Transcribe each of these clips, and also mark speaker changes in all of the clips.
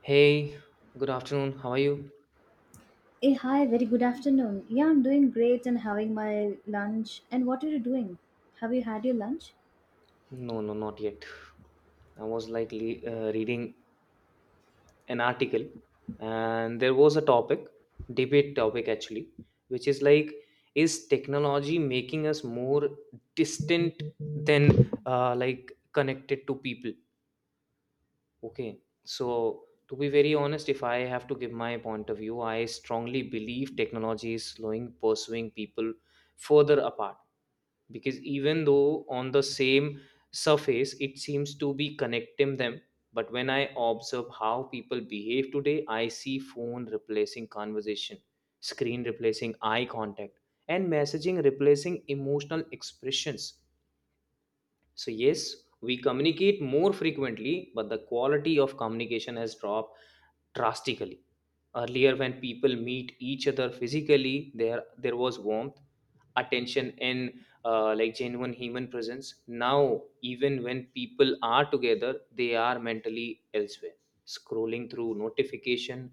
Speaker 1: Hey, good afternoon. How are you?
Speaker 2: Hey, hi, very good afternoon. Yeah, I'm doing great and having my lunch. And what are you doing? Have you had your lunch?
Speaker 1: No, no, not yet. I was like reading an article, and there was a topic, debate topic actually, which is like, is technology making us more distant than like connected to people? Okay, so to be very honest, if I have to give my point of view, I strongly believe technology is slowing pursuing people further apart because even though on the same surface it seems to be connecting them, but when I observe how people behave today, I see phone replacing conversation, screen replacing eye contact, and messaging replacing emotional expressions. So yes, we communicate more frequently, but the quality of communication has dropped drastically. Earlier, when people meet each other physically, there was warmth, attention, and like genuine human presence. Now, even when people are together, they are mentally elsewhere. Scrolling through notification,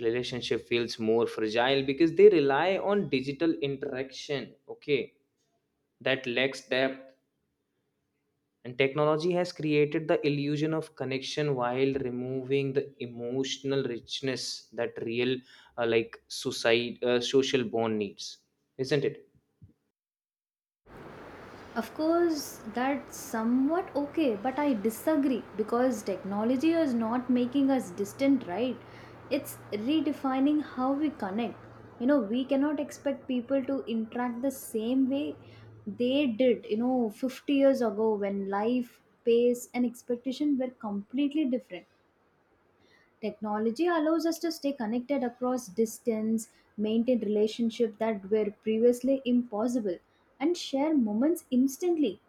Speaker 1: relationship feels more fragile because they rely on digital interaction. Okay, that lacks depth and technology has created the illusion of connection while removing the emotional richness that real, like social bond needs, isn't it?
Speaker 2: Of course, that's somewhat okay, but I disagree because technology is not making us distant, right? It's redefining how we connect. You know, we cannot expect people to interact the same way they did, you know, 50 years ago when life, pace, and expectation were completely different. Technology allows us to stay connected across distance, maintain relationships that were previously impossible, and share moments instantly.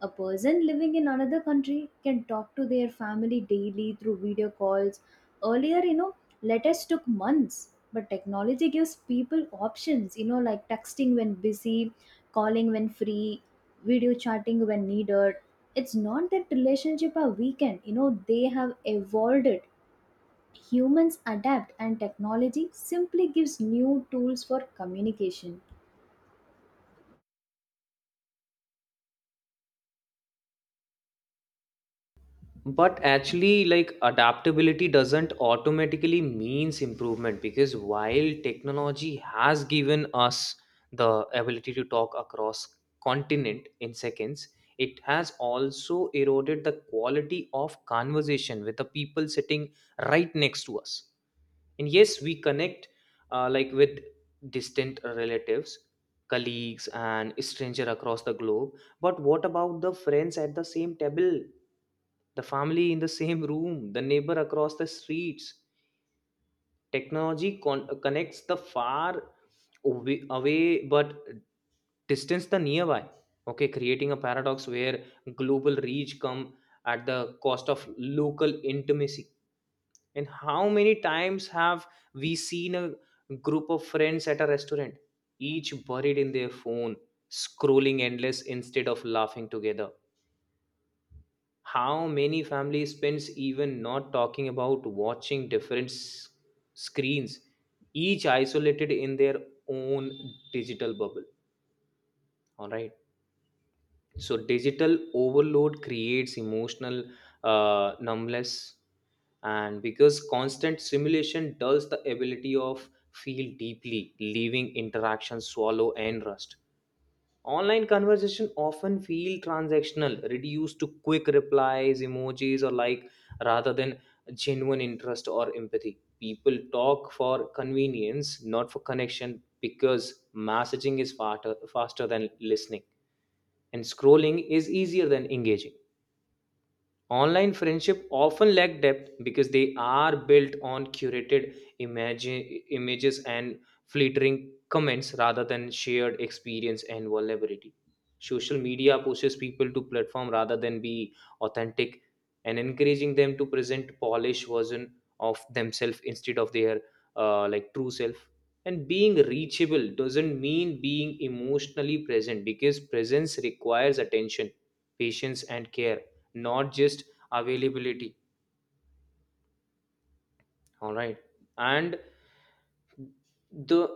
Speaker 2: A person living in another country can talk to their family daily through video calls. Earlier, you know, letters took months, but technology gives people options, you know, like texting when busy, calling when free, video chatting when needed. It's not that relationship are weakened, you know, they have evolved it. Humans adapt, and technology simply gives new tools for communication.
Speaker 1: But actually, like adaptability doesn't automatically means improvement because while technology has given us the ability to talk across continent in seconds, it has also eroded the quality of conversation with the people sitting right next to us, and yes, we connect like with distant relatives, colleagues, and stranger across the globe. But what about the friends at the same table, the family in the same room, the neighbor across the streets? Technology connects the far away but distance the nearby, okay, creating a paradox where global reach come at the cost of local intimacy. And how many times have we seen a group of friends at a restaurant, each buried in their phone, scrolling endless instead of laughing together? How many families spends, even not talking about watching different screens, each isolated in their own digital bubble? All right. So digital overload creates emotional numbness, and because constant simulation dulls the ability of feel deeply, leaving interactions swallow and rust. Online conversation often feel transactional, reduced to quick replies, emojis, or like rather than genuine interest or empathy. People talk for convenience, not for connection, because messaging is faster, faster than listening and scrolling is easier than engaging. Online friendship often lack depth because they are built on curated images and flittering comments rather than shared experience and vulnerability. Social media pushes people to platform rather than be authentic and encouraging them to present polished version of themselves instead of their like true self. And being reachable doesn't mean being emotionally present because presence requires attention, patience, and care, not just availability. All right. And the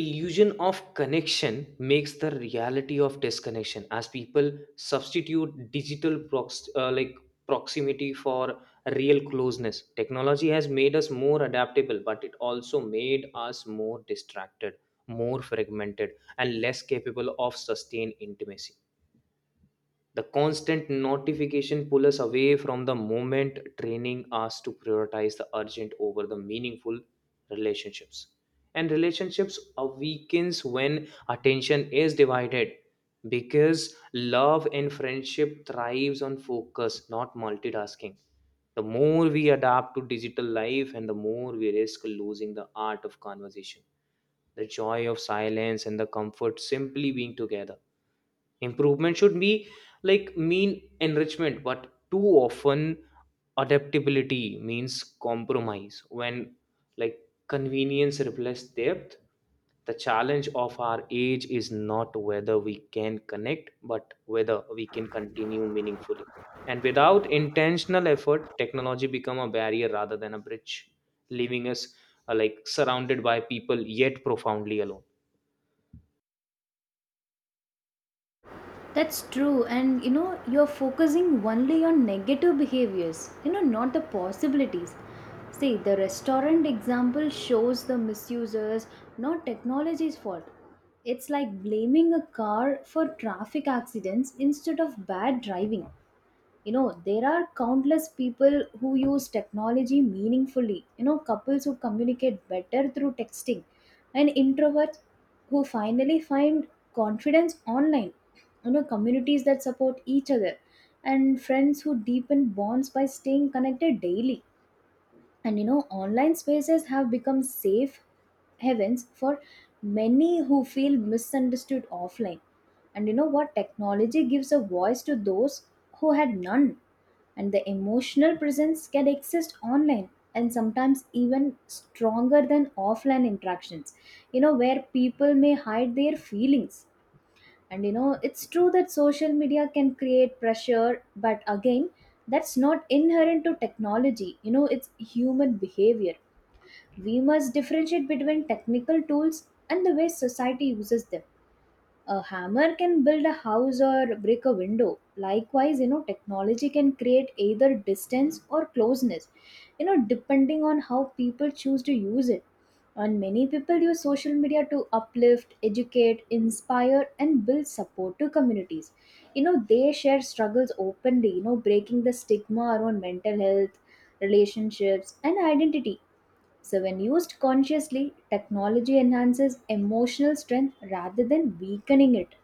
Speaker 1: illusion of connection makes the reality of disconnection as people substitute digital like proximity for real closeness. Technology has made us more adaptable, but it also made us more distracted, more fragmented, and less capable of sustained intimacy. The constant notification pull us away from the moment, training us to prioritize the urgent over the meaningful relationships. And relationships are weakens when attention is divided because love and friendship thrives on focus, not multitasking. The more we adapt to digital life and the more we risk losing the art of conversation, the joy of silence, and the comfort simply being together. Improvement should be like mean enrichment, but too often adaptability means compromise when like convenience replaces depth. The challenge of our age is not whether we can connect but whether we can continue meaningfully, and without intentional effort technology become a barrier rather than a bridge, leaving us like surrounded by people yet profoundly alone.
Speaker 2: That's true, and you know, you're focusing only on negative behaviors, you know, not the possibilities. See, the restaurant example shows the misusers, not technology's fault. It's like blaming a car for traffic accidents instead of bad driving. You know, there are countless people who use technology meaningfully, you know, couples who communicate better through texting, and introverts who finally find confidence online, you know, communities that support each other, and friends who deepen bonds by staying connected daily. And you know, online spaces have become safe heavens for many who feel misunderstood offline. And you know what, technology gives a voice to those who had none, and the emotional presence can exist online and sometimes even stronger than offline interactions, you know, where people may hide their feelings. And you know, it's true that social media can create pressure, but again, that's not inherent to technology. You know, it's human behavior. We must differentiate between technical tools and the way society uses them. A hammer can build a house or break a window. Likewise, you know, technology can create either distance or closeness, you know, depending on how people choose to use it. And many people use social media to uplift, educate, inspire, and build support to communities. You know, they share struggles openly, you know, breaking the stigma around mental health, relationships, and identity. So, when used consciously, technology enhances emotional strength rather than weakening it.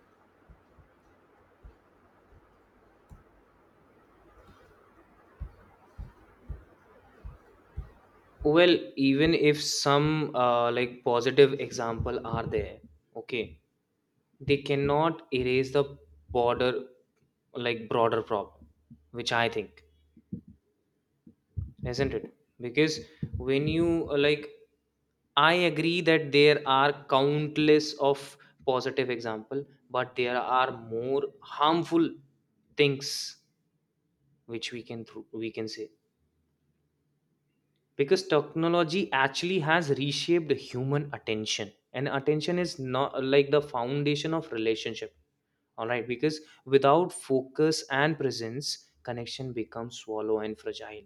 Speaker 1: Well, even if some like positive example are there, okay, they cannot erase the border like broader problem, which I think, isn't it? Because when you uh, like, I agree that there are countless of positive example, but there are more harmful things which we can say. Because technology actually has reshaped human attention, and attention is not like the foundation of relationship, all right, because without focus and presence connection becomes swallow and fragile,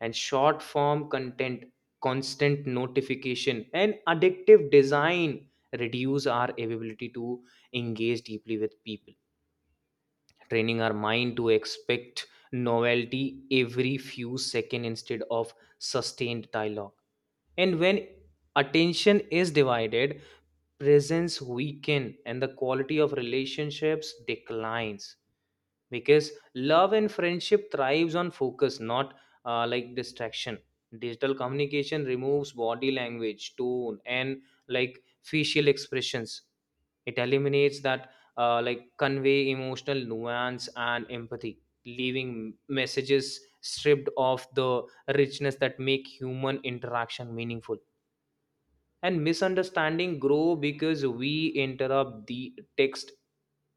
Speaker 1: and short form content, constant notification, and addictive design reduce our ability to engage deeply with people, training our mind to expect novelty every few seconds instead of sustained dialogue. And when attention is divided, presence weaken and the quality of relationships declines because love and friendship thrives on focus, not like distraction. Digital communication removes body language, tone, and like facial expressions. It eliminates that like convey emotional nuance and empathy, leaving messages stripped of the richness that make human interaction meaningful, and misunderstanding grow because we interrupt the text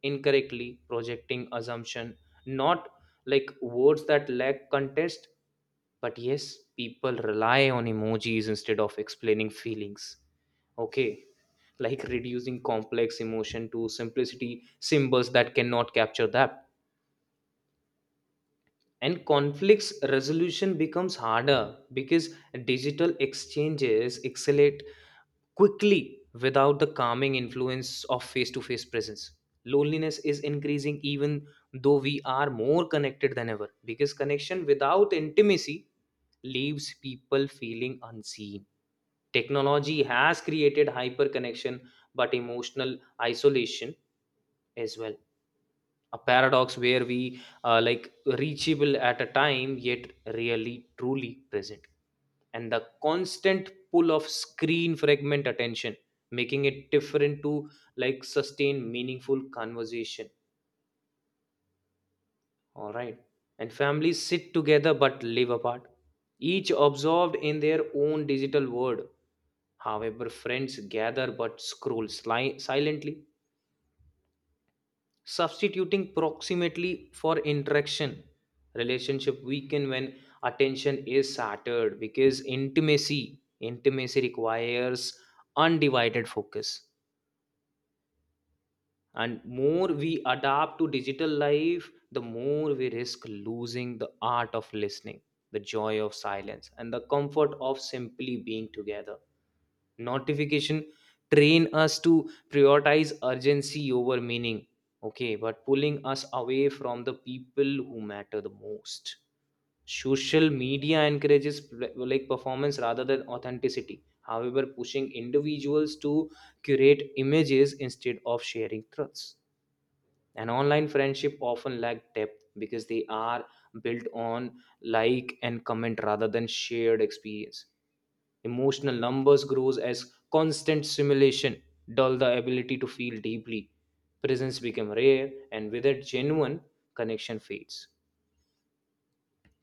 Speaker 1: incorrectly, projecting assumption, not like words that lack context. But yes, people rely on emojis instead of explaining feelings, okay, like reducing complex emotion to simplicity symbols that cannot capture that. And conflicts resolution becomes harder because digital exchanges accelerate quickly without the calming influence of face to face presence. Loneliness is increasing even though we are more connected than ever because connection without intimacy leaves people feeling unseen. Technology has created hyper connection but emotional isolation as well, a paradox where we are like reachable at a time yet really truly present. And the constant pull of screen fragment attention, making it different to like sustain meaningful conversation, all right. And families sit together but live apart, each absorbed in their own digital world. However, friends gather but scroll silently, substituting proximately for interaction. Relationship weaken when attention is shattered because intimacy requires undivided focus, and more we adapt to digital life the more we risk losing the art of listening, the joy of silence, and the comfort of simply being together. Notification train us to prioritize urgency over meaning, okay, but pulling us away from the people who matter the most. Social media encourages like performance rather than authenticity, however pushing individuals to curate images instead of sharing truths. And online friendship often lack depth because they are built on like and comment rather than shared experience. Emotional numbers grows as constant simulation dull the ability to feel deeply. Presence become rare and with it genuine connection fades.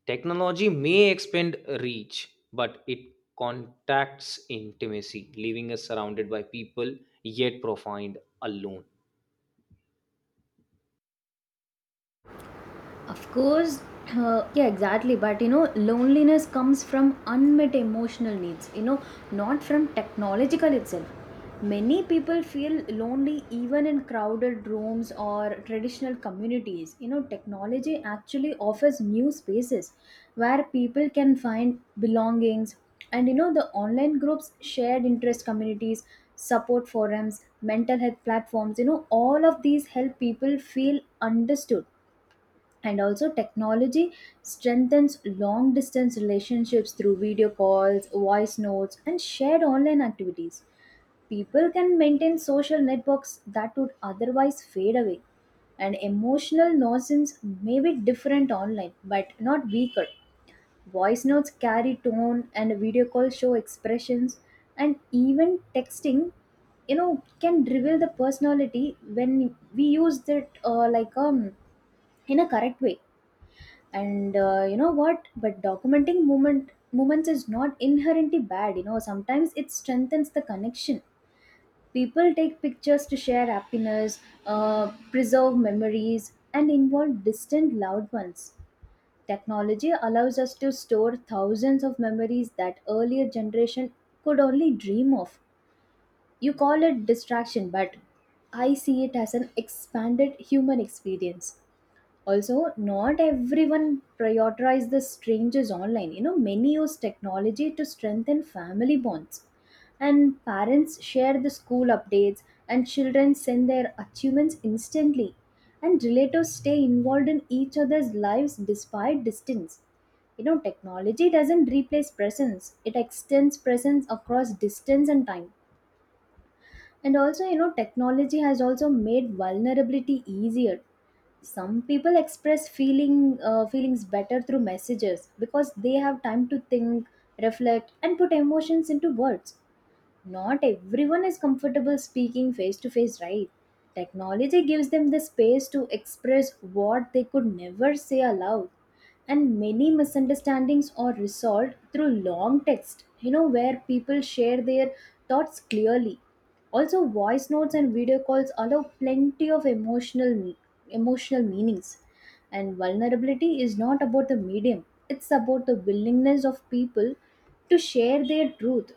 Speaker 1: Technology may expand reach, but it contacts intimacy, leaving us surrounded by people yet profound alone.
Speaker 2: Of course, yeah, exactly. But you know, loneliness comes from unmet emotional needs, you know, not from technological itself. Many people feel lonely even in crowded rooms or traditional communities. You know, technology actually offers new spaces where people can find belongings. And you know, the online groups, shared interest communities, support forums, mental health platforms, you know, all of these help people feel understood. And also technology strengthens long distance relationships through video calls, voice notes, and shared online activities. People can maintain social networks that would otherwise fade away. And emotional nuisance may be different online but not weaker. Voice notes carry tone and video calls show expressions. And even texting, you know, can reveal the personality when we use it in a correct way. And you know what, but documenting movements is not inherently bad. You know, sometimes it strengthens the connection. People take pictures to share happiness, preserve memories, and involve distant loved ones. Technology allows us to store thousands of memories that earlier generation could only dream of. You call it distraction, but I see it as an expanded human experience. Also, not everyone prioritize the strangers online. You know, many use technology to strengthen family bonds. And parents share the school updates, and children send their achievements instantly. And relatives stay involved in each other's lives despite distance. You know, technology doesn't replace presence, it extends presence across distance and time. And also, you know, technology has also made vulnerability easier. Some people express feelings better through messages because they have time to think, reflect, and put emotions into words. Not everyone is comfortable speaking face to face, right? Technology gives them the space to express what they could never say aloud. And many misunderstandings are resolved through long text, you know, where people share their thoughts clearly. Also voice notes and video calls allow plenty of emotional meanings. And vulnerability is not about the medium, it's about the willingness of people to share their truth.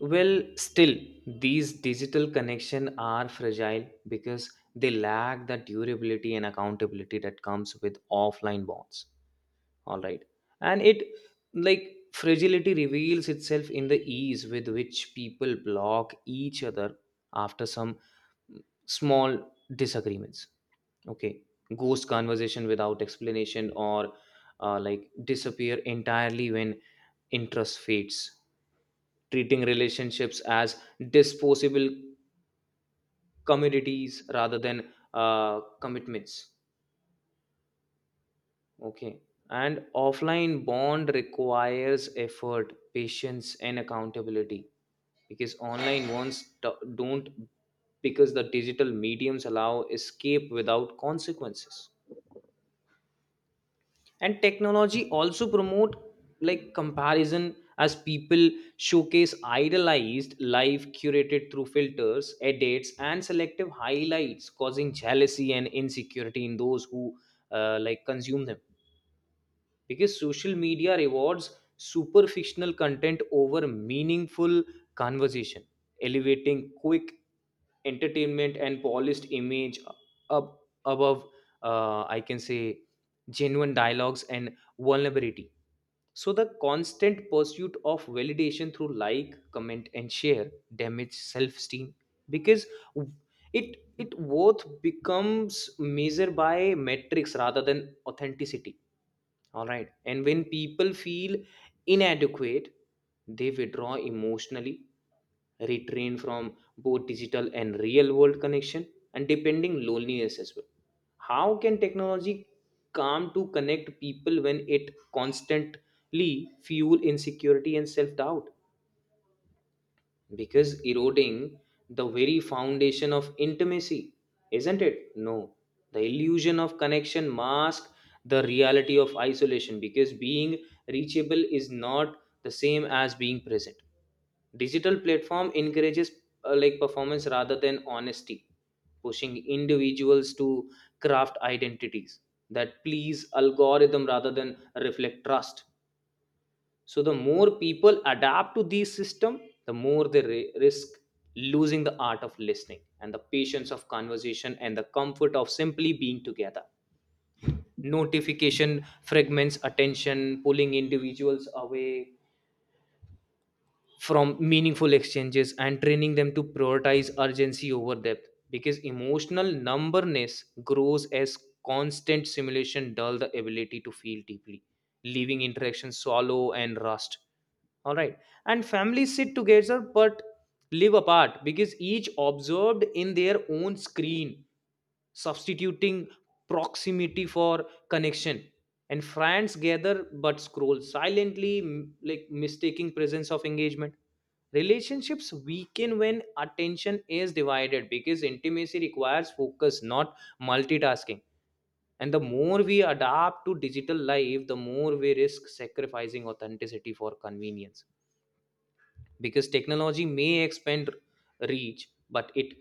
Speaker 1: Well, still, these digital connections are fragile because they lack the durability and accountability that comes with offline bonds. All right. And it like fragility reveals itself in the ease with which people block each other after some small disagreements. Okay. Ghost conversation without explanation or like disappear entirely when interest fades. Treating relationships as disposable commodities rather than commitments. Okay. And offline bond requires effort, patience, and accountability because online ones don't because the digital mediums allow escape without consequences. And technology also promote like comparison as people showcase idealized life curated through filters, edits, and selective highlights, causing jealousy and insecurity in those who like consume them because social media rewards superficial content over meaningful conversation, elevating quick entertainment and polished image up above, I can say, genuine dialogues and vulnerability. So the constant pursuit of validation through like comment and share damage self esteem because it worth becomes measured by metrics rather than authenticity, all right, and when people feel inadequate they withdraw emotionally, retrain from both digital and real world connection, and depending loneliness as well. How can technology come to connect people when it constantly fuel insecurity and self doubt, because eroding the very foundation of intimacy, isn't it? No, the illusion of connection masks the reality of isolation because being reachable is not the same as being present. Digital platform encourages like performance rather than honesty, pushing individuals to craft identities that please algorithm rather than reflect trust. So the more people adapt to these system, the more they risk losing the art of listening and the patience of conversation and the comfort of simply being together. Notification fragments attention, pulling individuals away from meaningful exchanges and training them to prioritize urgency over depth because emotional numbness grows as constant simulation dull the ability to feel deeply, leaving interactions shallow and rust, all right. And families sit together but live apart because each observed in their own screen, substituting proximity for connection. And friends gather but scroll silently, like mistaking presence of engagement. Relationships weaken when attention is divided because intimacy requires focus, not multitasking. And the more we adapt to digital life, the more we risk sacrificing authenticity for convenience because technology may expand reach but it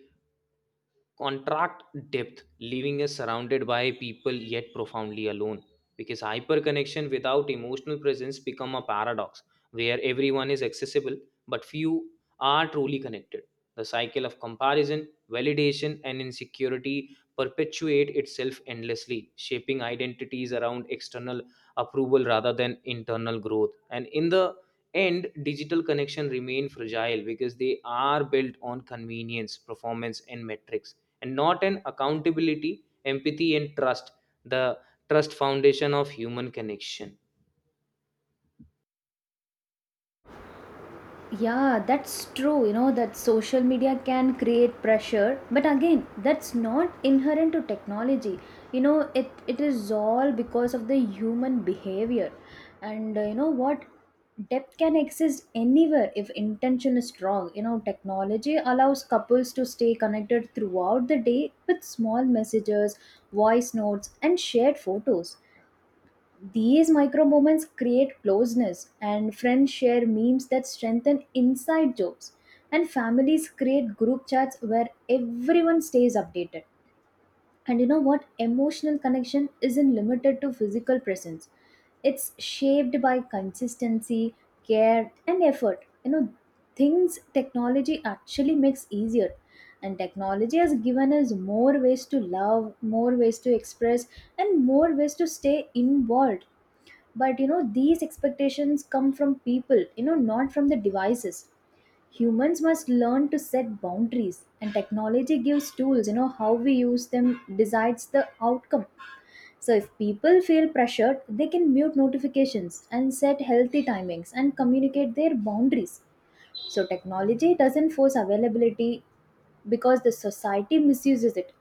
Speaker 1: contract depth, leaving us surrounded by people yet profoundly alone. Because hyperconnection without emotional presence become a paradox where everyone is accessible but few are truly connected. The cycle of comparison, validation, and insecurity perpetuate itself endlessly, shaping identities around external approval rather than internal growth. And in the end, digital connection remain fragile because they are built on convenience, performance, and metrics and not an accountability empathy and trust the trust foundation of human connection.
Speaker 2: Yeah, that's true. You know, that social media can create pressure, but again, that's not inherent to technology. You know, it is all because of the human behavior. And you know what? Depth can exist anywhere if intention is strong. You know, technology allows couples to stay connected throughout the day with small messages, voice notes, and shared photos. These micro moments create closeness, and friends share memes that strengthen inside jokes, and families create group chats where everyone stays updated. And you know what? Emotional connection isn't limited to physical presence. It's shaped by consistency, care, and effort. You know, things technology actually makes easier. And technology has given us more ways to love, more ways to express, and more ways to stay involved. But you know, these expectations come from people, you know, not from the devices. Humans must learn to set boundaries, and technology gives tools. You know, how we use them decides the outcome. So if people feel pressured, they can mute notifications and set healthy timings and communicate their boundaries. So technology doesn't force availability because the society misuses it.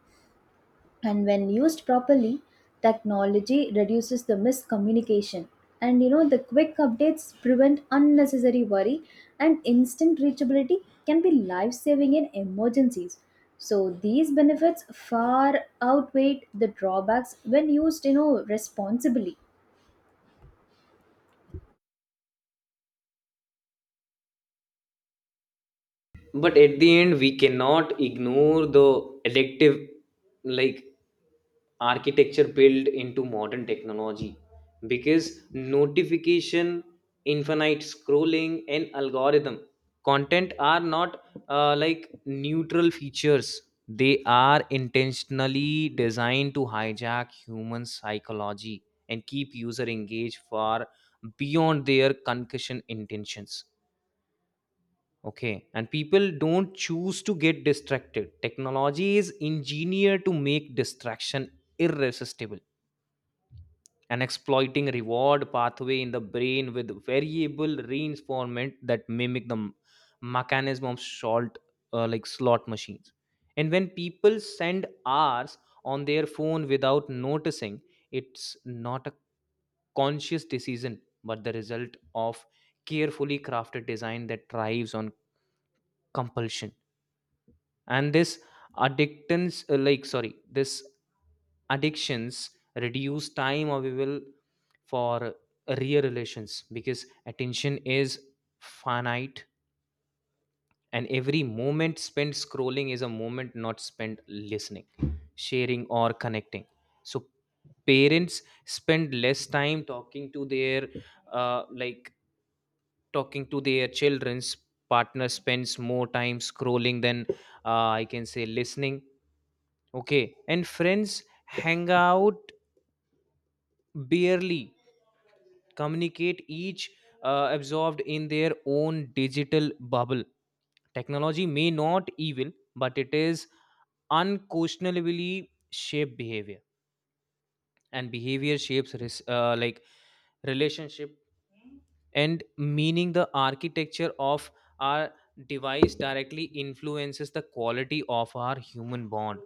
Speaker 2: And when used properly, technology reduces the miscommunication. And you know, the quick updates prevent unnecessary worry, and instant reachability can be life saving in emergencies. So these benefits far outweigh the drawbacks when used, you know, responsibly.
Speaker 1: But at the end we cannot ignore the addictive like architecture built into modern technology because notification infinite scrolling and algorithm content are not neutral features. They are intentionally designed to hijack human psychology and keep user engaged far beyond their concussion intentions. Okay, and people don't choose to get distracted. Technology is engineered to make distraction irresistible and exploiting reward pathway in the brain with variable reinforcement that mimic the mechanism of salt, slot machines. And when people send hours on their phone without noticing, it's not a conscious decision but the result of carefully crafted design that thrives on compulsion. And this addictance like sorry this addictions reduce time available for real relations because attention is finite, and every moment spent scrolling is a moment not spent listening, sharing or connecting. So parents spend less time talking to their uh, like talking to their children's, partner spends more time scrolling than, I can say, listening. Okay, and friends hang out barely, communicate each absorbed in their own digital bubble. Technology may not evil, but it is unquestionably shape behavior, and behavior shapes relationship and meaning the architecture of our device directly influences the quality of our human bond.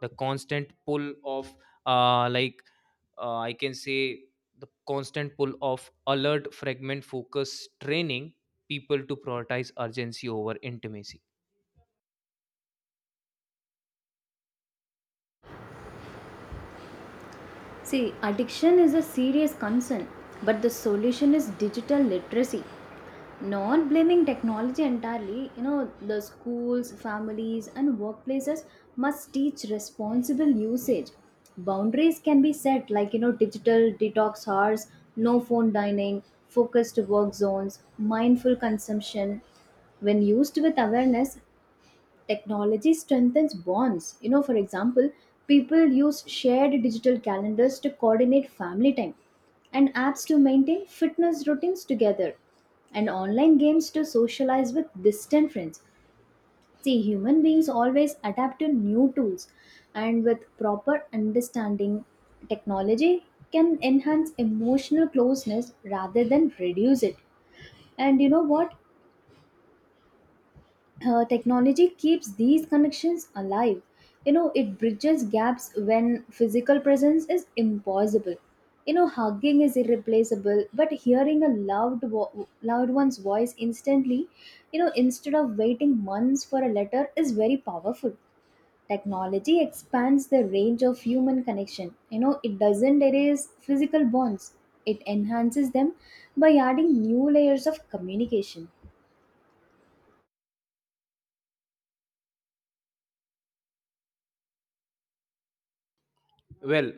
Speaker 1: The constant pull of, uh, like I can say, the constant pull of alert fragment focus training people to prioritize urgency over intimacy.
Speaker 2: See, addiction is a serious concern, but the solution is digital literacy, not blaming technology entirely. You know, the schools, families, and workplaces must teach responsible usage. Boundaries can be set, like, you know, digital detox hours, no phone dining, focused work zones, mindful consumption. When used with awareness, technology strengthens bonds. You know, for example, people use shared digital calendars to coordinate family time, and apps to maintain fitness routines together, and online games to socialize with distant friends. See, human beings always adapt to new tools, and with proper understanding, technology can enhance emotional closeness rather than reduce it. And you know what? Technology keeps these connections alive. You know, it bridges gaps when physical presence is impossible. You know, hugging is irreplaceable, but hearing a loved one's voice instantly, you know, instead of waiting months for a letter, is very powerful. Technology expands the range of human connection. You know, it doesn't erase physical bonds, it enhances them by adding new layers of communication.
Speaker 1: Well,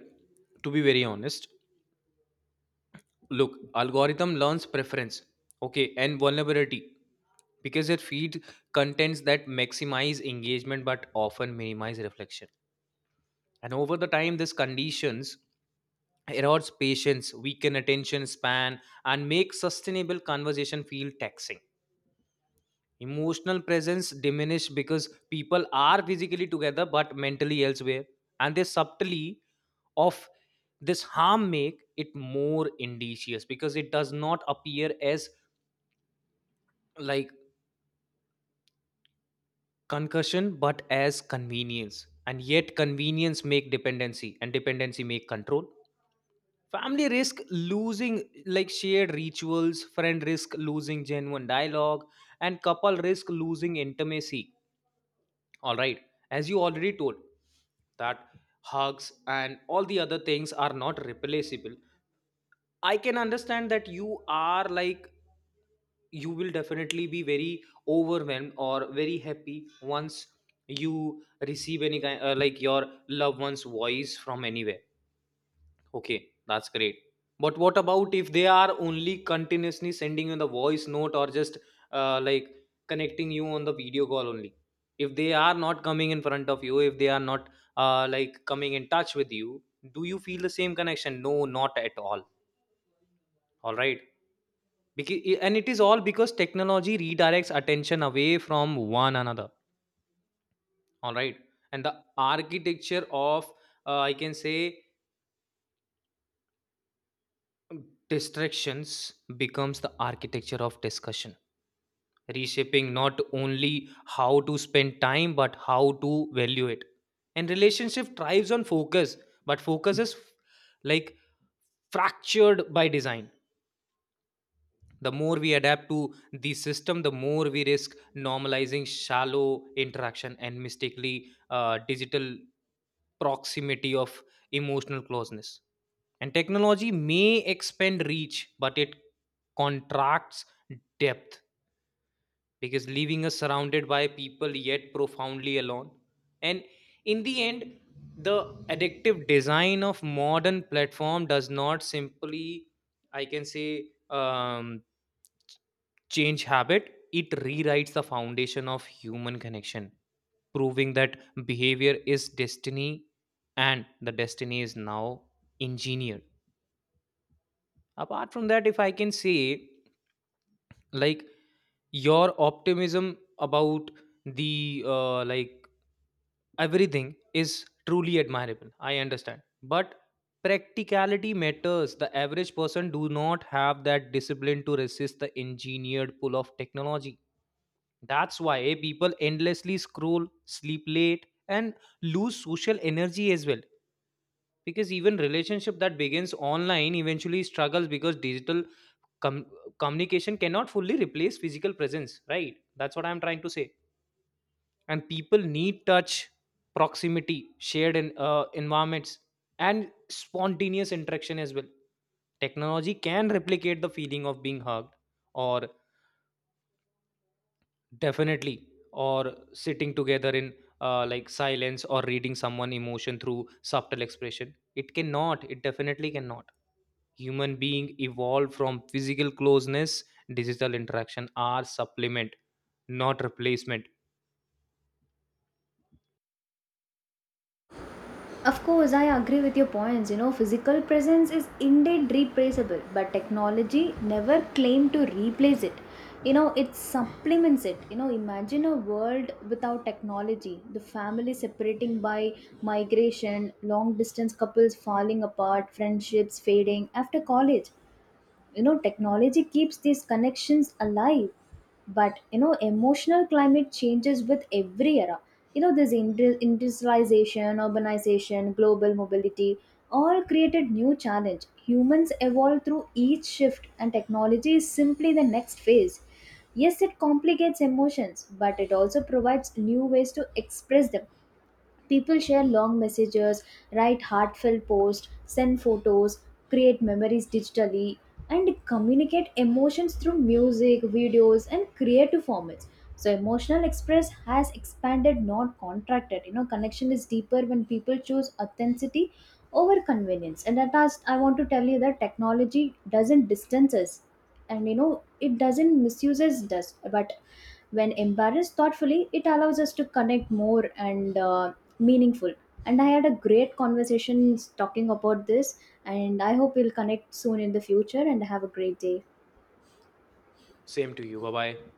Speaker 1: to be very honest, look, algorithm learns preference, okay, and vulnerability because it feeds contents that maximize engagement but often minimize reflection. And over the time, this conditions erodes patience, weaken attention span, and make sustainable conversation feel taxing. Emotional presence diminish because people are physically together but mentally elsewhere, and they subtly of this harm make it more indicious because it does not appear as like concussion but as convenience, and yet convenience make dependency and dependency make control. Family risk losing like shared rituals, friend risk losing genuine dialogue, and couple risk losing intimacy. All right, as you already told that hugs and all the other things are not replaceable. I can understand that you are like you will definitely be very overwhelmed or very happy once you receive any kind your loved one's voice from anywhere. Okay, that's great, but what about if they are only continuously sending you the voice note or just uh, like connecting you on the video call only, if they are not coming in front of you, if they are not coming in touch with you, do you feel the same connection? No, not at all. All right, because, and it is all because technology redirects attention away from one another. All right. And the architecture of, uh, I can say, distractions becomes the architecture of discussion, reshaping not only how to spend time, but how to value it. And relationship thrives on focus, but focus is like fractured by design. The more we adapt to the system, the more we risk normalizing shallow interaction and mistakenly digital proximity of emotional closeness, and technology may expand reach but it contracts depth because leaving us surrounded by people yet profoundly alone. And in the end, the addictive design of modern platform does not simply, I can say, um, change habit. It rewrites the foundation of human connection, proving that behavior is destiny, and the destiny is now engineered. Apart from that, if I can say like your optimism about the like everything is truly admirable, I understand, but practicality matters. The average person do not have that discipline to resist the engineered pull of technology. That's why people endlessly scroll, sleep late, and lose social energy as well, because even relationship that begins online eventually struggles because digital com- communication cannot fully replace physical presence, right? That's what I'm trying to say. And people need touch, proximity, shared in environments, and spontaneous interaction as well. Technology can replicate the feeling of being hugged or definitely or sitting together in silence or reading someone emotion through subtle expression, it cannot, it definitely cannot. Human being evolved from physical closeness, digital interaction are supplement, not replacement.
Speaker 2: Of course, I agree with your points. You know, physical presence is indeed replaceable, but technology never claimed to replace it. You know, it supplements it. You know, imagine a world without technology, the family separating by migration, long distance couples falling apart, friendships fading after college. You know, technology keeps these connections alive. But you know, emotional climate changes with every era. You know, this industrialization, urbanization, global mobility, all created new challenge. Humans evolve through each shift, and technology is simply the next phase. Yes, it complicates emotions, but it also provides new ways to express them. People share long messages, write heartfelt posts, send photos, create memories digitally, and communicate emotions through music, videos, and creative formats. So, emotional express has expanded, not contracted. You know, connection is deeper when people choose authenticity over convenience. And at last, I want to tell you that technology doesn't distance us, and you know, it doesn't misuses us, but when embarrassed thoughtfully, it allows us to connect more and meaningful. And I had a great conversation talking about this, and I hope we'll connect soon in the future and have a great day.
Speaker 1: Same to you, bye bye.